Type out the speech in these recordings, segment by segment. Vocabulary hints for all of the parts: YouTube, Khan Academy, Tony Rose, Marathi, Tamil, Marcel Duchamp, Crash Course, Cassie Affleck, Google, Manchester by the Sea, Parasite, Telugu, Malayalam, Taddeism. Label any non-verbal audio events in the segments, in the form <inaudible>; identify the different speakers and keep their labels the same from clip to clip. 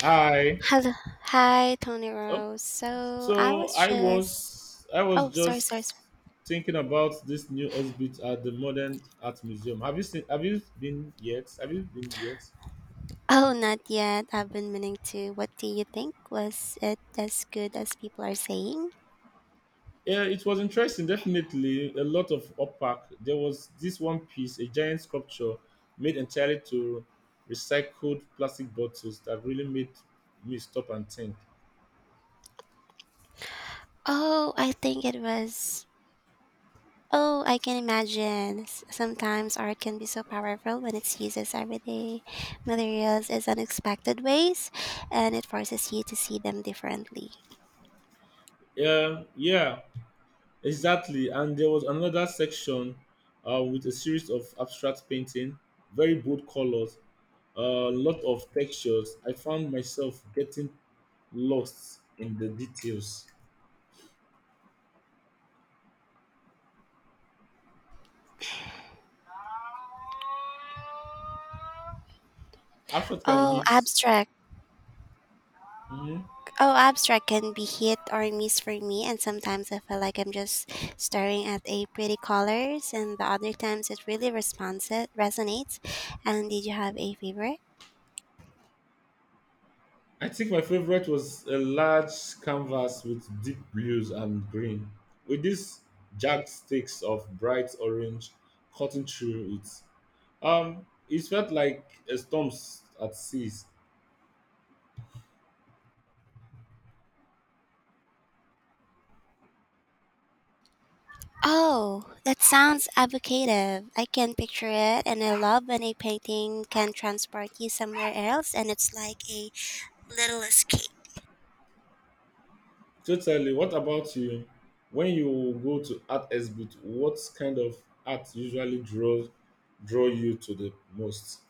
Speaker 1: Hi.
Speaker 2: Hello. Hi, Tony
Speaker 1: Oh,
Speaker 2: Rose. So I
Speaker 1: so
Speaker 2: was just.
Speaker 1: I
Speaker 2: Oh,
Speaker 1: was
Speaker 2: sorry, sorry,
Speaker 1: just
Speaker 2: sorry.
Speaker 1: thinking about this new exhibit at the Modern Art Museum. Have you seen? Have you been yet?
Speaker 2: Oh, not yet. I've been meaning to. What do you think? Was it as good as people are saying?
Speaker 1: Yeah, it was interesting. Definitely a lot of uppack. There was this one piece, a giant sculpture made entirely to recycled plastic bottles that really made me stop and think.
Speaker 2: Oh, I think it was. Oh, I can imagine. Sometimes art can be so powerful when it's used as everyday materials in unexpected ways, and it forces you to see them differently.
Speaker 1: Yeah, yeah. Exactly, and there was another section with a series of abstract painting, very bold colors, a lot of textures. I found myself getting lost in the details. Abstract can
Speaker 2: Oh,
Speaker 1: hit.
Speaker 2: abstract.
Speaker 1: Mhm.
Speaker 2: Oh, abstract can be hit or miss for me, and sometimes I feel like I'm just staring at a pretty colors, and the other times it really responds resonates. And did you have a favorite?
Speaker 1: I think my favorite was a large canvas with deep blues and green, with these jagged sticks of bright orange cutting through it. It felt like a storm at sea.
Speaker 2: Oh, that sounds evocative. I can picture it, and I love when a painting can transport you somewhere else, and it's like a little escape.
Speaker 1: Totally. What about you? When you go to art exhibit, what kind of art usually draws draw you to the most?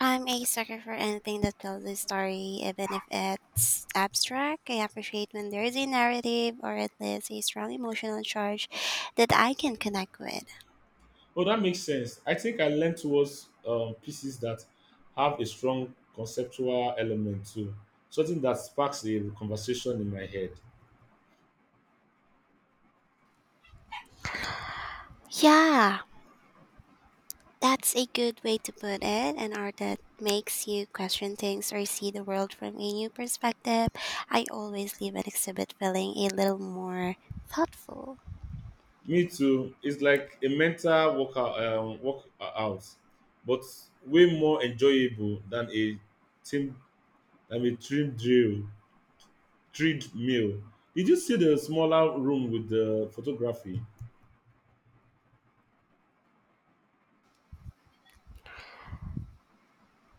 Speaker 2: I'm a sucker for anything that tells a story, even if it's abstract. I appreciate when there is a narrative or at least a strong emotional charge that I can connect with.
Speaker 1: Oh, that makes sense. I think I lean towards pieces that have a strong conceptual element too, something that sparks a conversation in my head.
Speaker 2: Yeah, that's a good way to put it. An art that makes you question things or see the world from a new perspective. I always leave an exhibit feeling a little more thoughtful.
Speaker 1: Me too. It's like a mental workout, but way more enjoyable than a team team drill. Treadmill. Did you see the smaller room with the photography?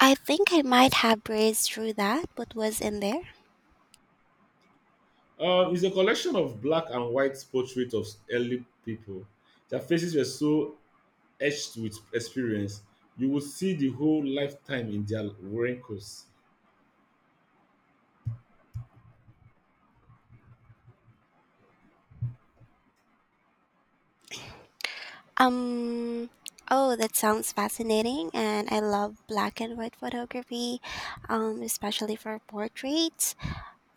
Speaker 2: I think I might have breezed through that. What was in there?
Speaker 1: It's a collection of black and white portraits of early people. Their faces were so etched with experience, you would see the whole lifetime in their wrinkles.
Speaker 2: Um, oh, that sounds fascinating, and I love black and white photography, especially for portraits,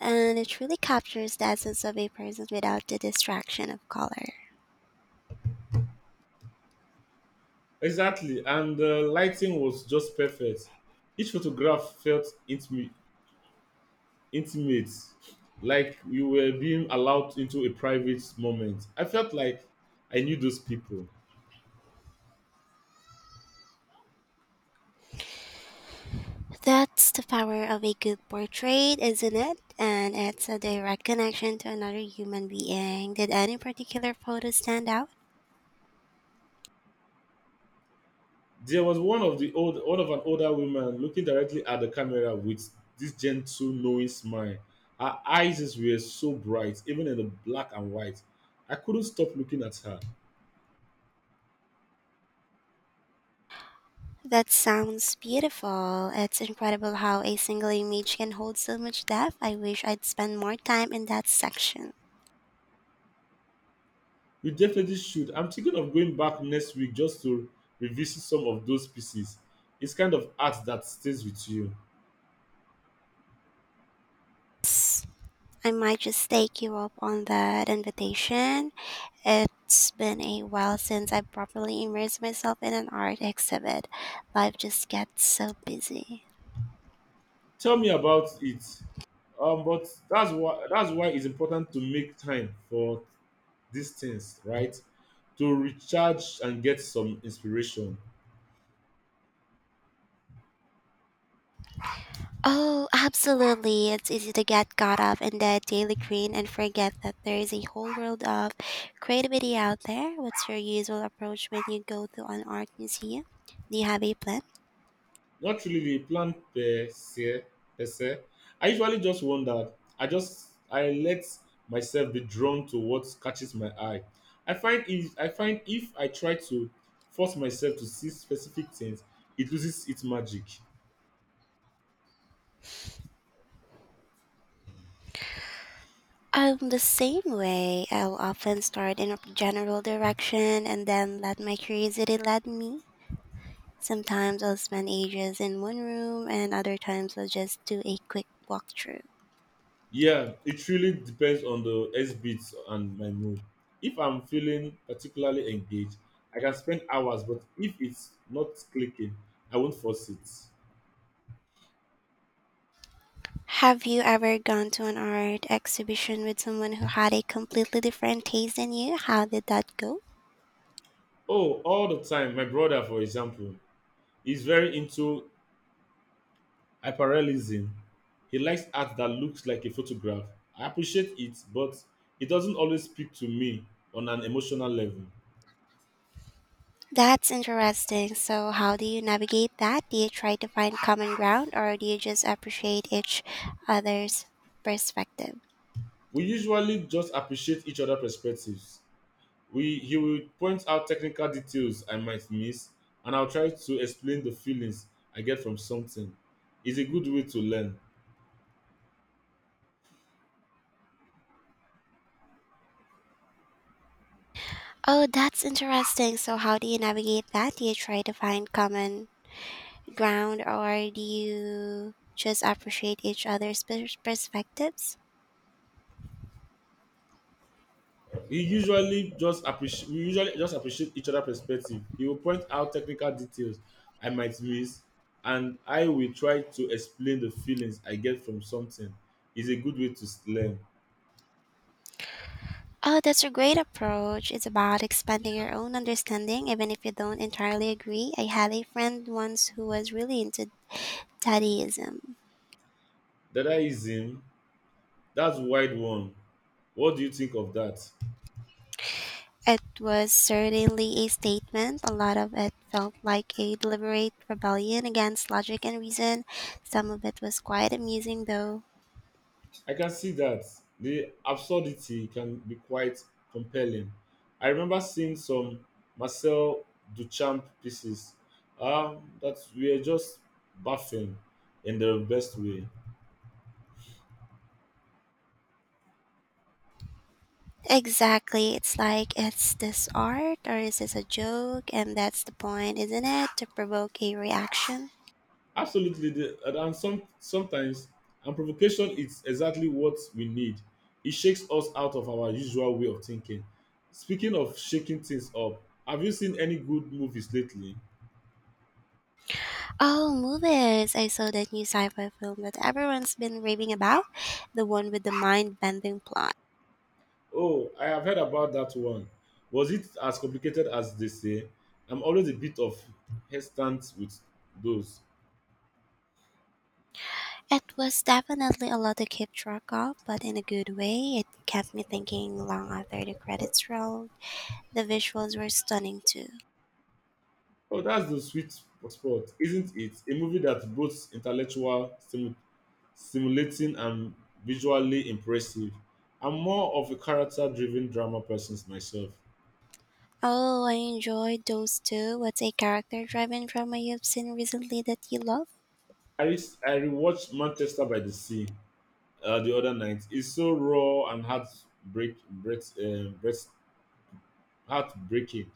Speaker 2: and it really captures the essence of a person without the distraction of color.
Speaker 1: Exactly, and the lighting was just perfect. Each photograph felt intimate, like you were being allowed into a private moment. I felt like I knew those people.
Speaker 2: That's the power of a good portrait, isn't it? And it's a direct connection to another human being. Did any particular photo stand out?
Speaker 1: There was one of an older woman looking directly at the camera with this gentle, knowing smile. Her eyes were so bright, even in the black and white. I couldn't stop looking at her.
Speaker 2: That sounds beautiful. It's incredible how a single image can hold so much depth. I wish I'd spend more time in that section.
Speaker 1: We definitely should. I'm thinking of going back next week just to revisit some of those pieces. It's kind of art that stays with you.
Speaker 2: I might just take you up on that invitation. It's been a while since I properly immersed myself in an art exhibit. Life just gets so busy.
Speaker 1: Tell me about it. But that's why it's important to make time for these things, right? To recharge and get some inspiration.
Speaker 2: Oh, absolutely. It's easy to get caught up in the daily green and forget that there is a whole world of creativity out there. What's your usual approach when you go to an art museum? Do you have a plan?
Speaker 1: Not really the plan per se. I usually just wonder. I let myself be drawn to what catches my eye. I find if I try to force myself to see specific things, it loses its magic.
Speaker 2: I'm the same way. I'll often start in a general direction and then let my curiosity lead me. Sometimes I'll spend ages in one room, and other times I'll just do a quick walkthrough.
Speaker 1: Yeah, it really depends on the S beats and my mood. If I'm feeling particularly engaged, I can spend hours, but if it's not clicking, I won't force it.
Speaker 2: Have you ever gone to an art exhibition with someone who had a completely different taste than you? How did that go?
Speaker 1: Oh, all the time, my brother, for example. He's very into hyperrealism. He likes art that looks like a photograph. I appreciate it, but it doesn't always speak to me on an emotional level.
Speaker 2: That's interesting. So, how do you navigate that? Do you try to find common ground, or do you just appreciate each other's perspective?
Speaker 1: We usually just appreciate each other's perspectives. We He will point out technical details I might miss, and I'll try to explain the feelings I get from something. It's a good way to learn.
Speaker 2: Oh, that's interesting. So, how do you navigate that? Do you try to find common ground or do you just appreciate each other's perspectives?
Speaker 1: We usually just appreciate each other's perspective. He will point out technical details I might miss, and I will try to explain the feelings I get from something. It's a good way to learn.
Speaker 2: Oh, that's a great approach. It's about expanding your own understanding, even if you don't entirely agree. I had a friend once who was really into Taddeism.
Speaker 1: Dadaism, that's wide one. What do you think of that?
Speaker 2: It was certainly a statement. A lot of it felt like a deliberate rebellion against logic and reason. Some of it was quite amusing, though.
Speaker 1: I can see that. The absurdity can be quite compelling. I remember seeing some Marcel Duchamp pieces that were just baffling in the best way.
Speaker 2: Exactly. It's like, it's this art or is this a joke? And that's the point, isn't it? To provoke a reaction.
Speaker 1: Absolutely, sometimes, and provocation is exactly what we need. It shakes us out of our usual way of thinking. Speaking of shaking things up, have you seen any good movies lately?
Speaker 2: Oh, movies! I saw that new sci fi film that everyone's been raving about, the one with the mind bending plot.
Speaker 1: Oh, I have heard about that one. Was it as complicated as they say? I'm always a bit of hesitant with those.
Speaker 2: It was definitely a lot to keep track of, but in a good way. It kept me thinking long after the credits rolled. The visuals were stunning too.
Speaker 1: Oh, that's the sweet spot, isn't it? A movie that's both intellectual, stimulating, and visually impressive. I'm more of a character-driven drama person myself.
Speaker 2: Oh, I enjoyed those too. What's a character driven drama you've seen recently that you love?
Speaker 1: I re- I rewatched Manchester by the Sea the other night. It's so raw and heartbreaking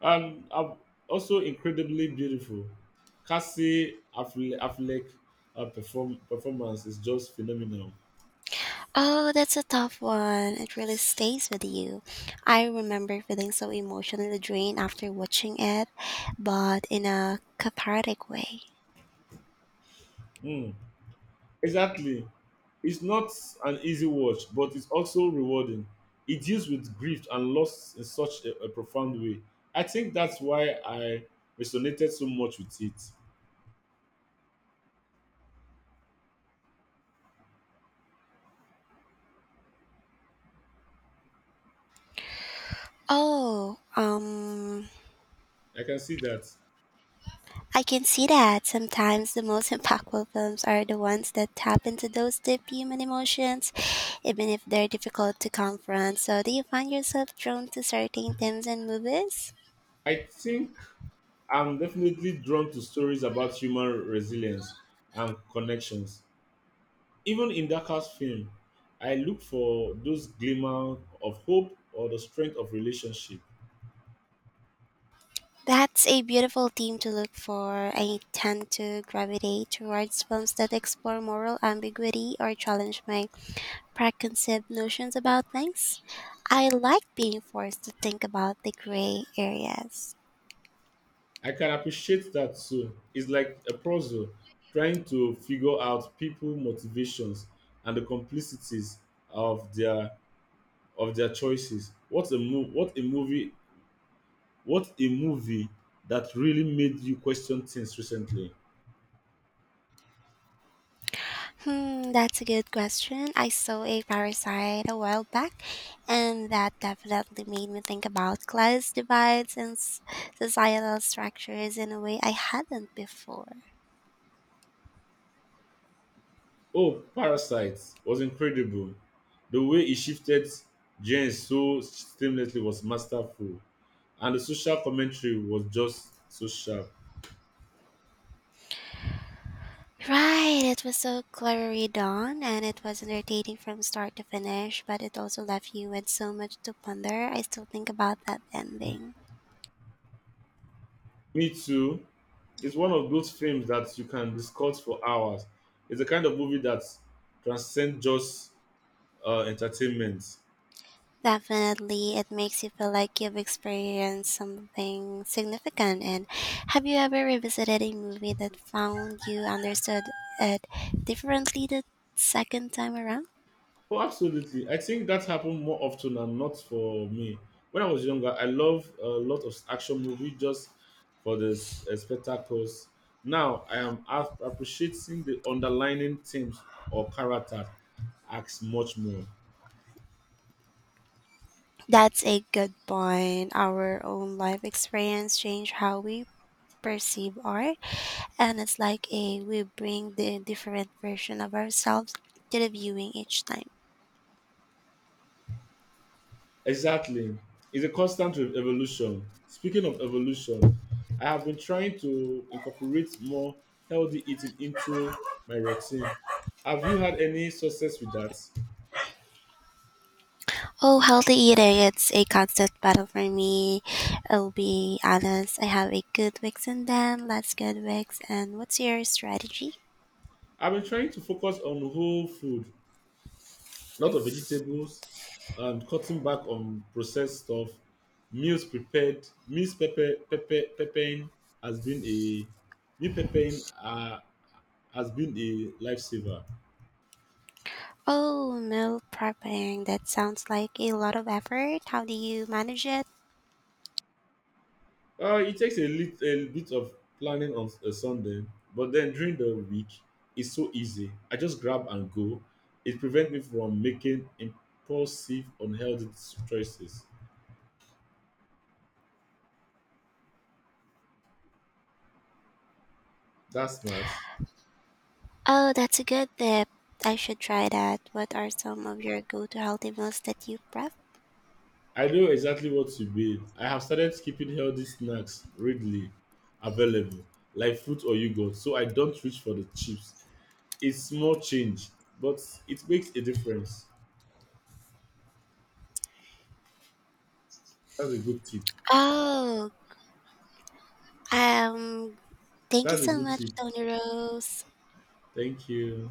Speaker 1: and are also incredibly beautiful. Cassie Affleck performance is just phenomenal.
Speaker 2: Oh, that's a tough one. It really stays with you. I remember feeling so emotionally drained after watching it, but in a cathartic way.
Speaker 1: Hmm. Exactly. It's not an easy watch, but it's also rewarding. It deals with grief and loss in such a profound way. I think that's why I resonated so much with it.
Speaker 2: Oh, um,
Speaker 1: I can see that.
Speaker 2: I can see that. Sometimes the most <laughs> impactful films are the ones that tap into those deep human emotions, even if they're difficult to confront. So, do you find yourself drawn to certain themes and movies?
Speaker 1: I think I'm definitely drawn to stories about human resilience and connections. Even in darkest film, I look for those glimmer of hope or the strength of relationship.
Speaker 2: That's a beautiful theme to look for. I tend to gravitate towards films that explore moral ambiguity or challenge my preconceived notions about things. I like being forced to think about the gray areas.
Speaker 1: I can appreciate that too. It's like a puzzle trying to figure out people motivations and the complicities of their choices. What a move what a movie that really made you question things recently.
Speaker 2: Hmm, that's a good question. I saw a parasite a while back, and that definitely made me think about class divides and societal structures in a way I hadn't before.
Speaker 1: Oh, Parasite was incredible. The way he shifted genes so seamlessly was masterful, and the social commentary was just so sharp.
Speaker 2: Right, it was so cleverly done and it was entertaining from start to finish, but it also left you with so much to ponder. I still think about that ending.
Speaker 1: Me too. It's one of those films that you can discuss for hours. It's the kind of movie that transcends just entertainment.
Speaker 2: Definitely, it makes you feel like you've experienced something significant. And have you ever revisited a movie that found you understood it differently the second time around?
Speaker 1: Oh, absolutely. I think that happened more often than not for me. When I was younger, I loved a lot of action movies just for the spectacles. Now I am appreciating the underlying themes or characters acts much more.
Speaker 2: That's a good point. Our own life experience change how we perceive art and it's like a we bring the different version of ourselves to the viewing each time.
Speaker 1: Exactly. It's a constant evolution. Speaking of evolution, I have been trying to incorporate more healthy eating into my routine. Have you had any success with that?
Speaker 2: Oh, healthy eating, it's a constant battle for me. I'll be honest, I have a good weeks and then less good weeks. And what's your strategy?
Speaker 1: I've been trying to focus on whole food, lot of vegetables, and cutting back on processed stuff. Meals prepared, meals pepper, pepper, peppering has been a Meal peppering has been a lifesaver.
Speaker 2: Oh, meal prepping, that sounds like a lot of effort. How do you manage it?
Speaker 1: It takes a bit of planning on a Sunday, but then during the week, it's so easy. I just grab and go. It prevents me from making impulsive, unhealthy choices. That's smart.
Speaker 2: Oh, that's a good tip. I should try that. What are some of your go to healthy meals that you prep?
Speaker 1: I know exactly what you mean. I have started keeping healthy snacks readily available, like fruit or yogurt, so I don't reach for the chips. It's small change, but it makes a difference. That's a good tip.
Speaker 2: Oh, um, thank you
Speaker 1: That's a
Speaker 2: so
Speaker 1: good
Speaker 2: much,
Speaker 1: tip.
Speaker 2: Tony Rose.
Speaker 1: Thank you.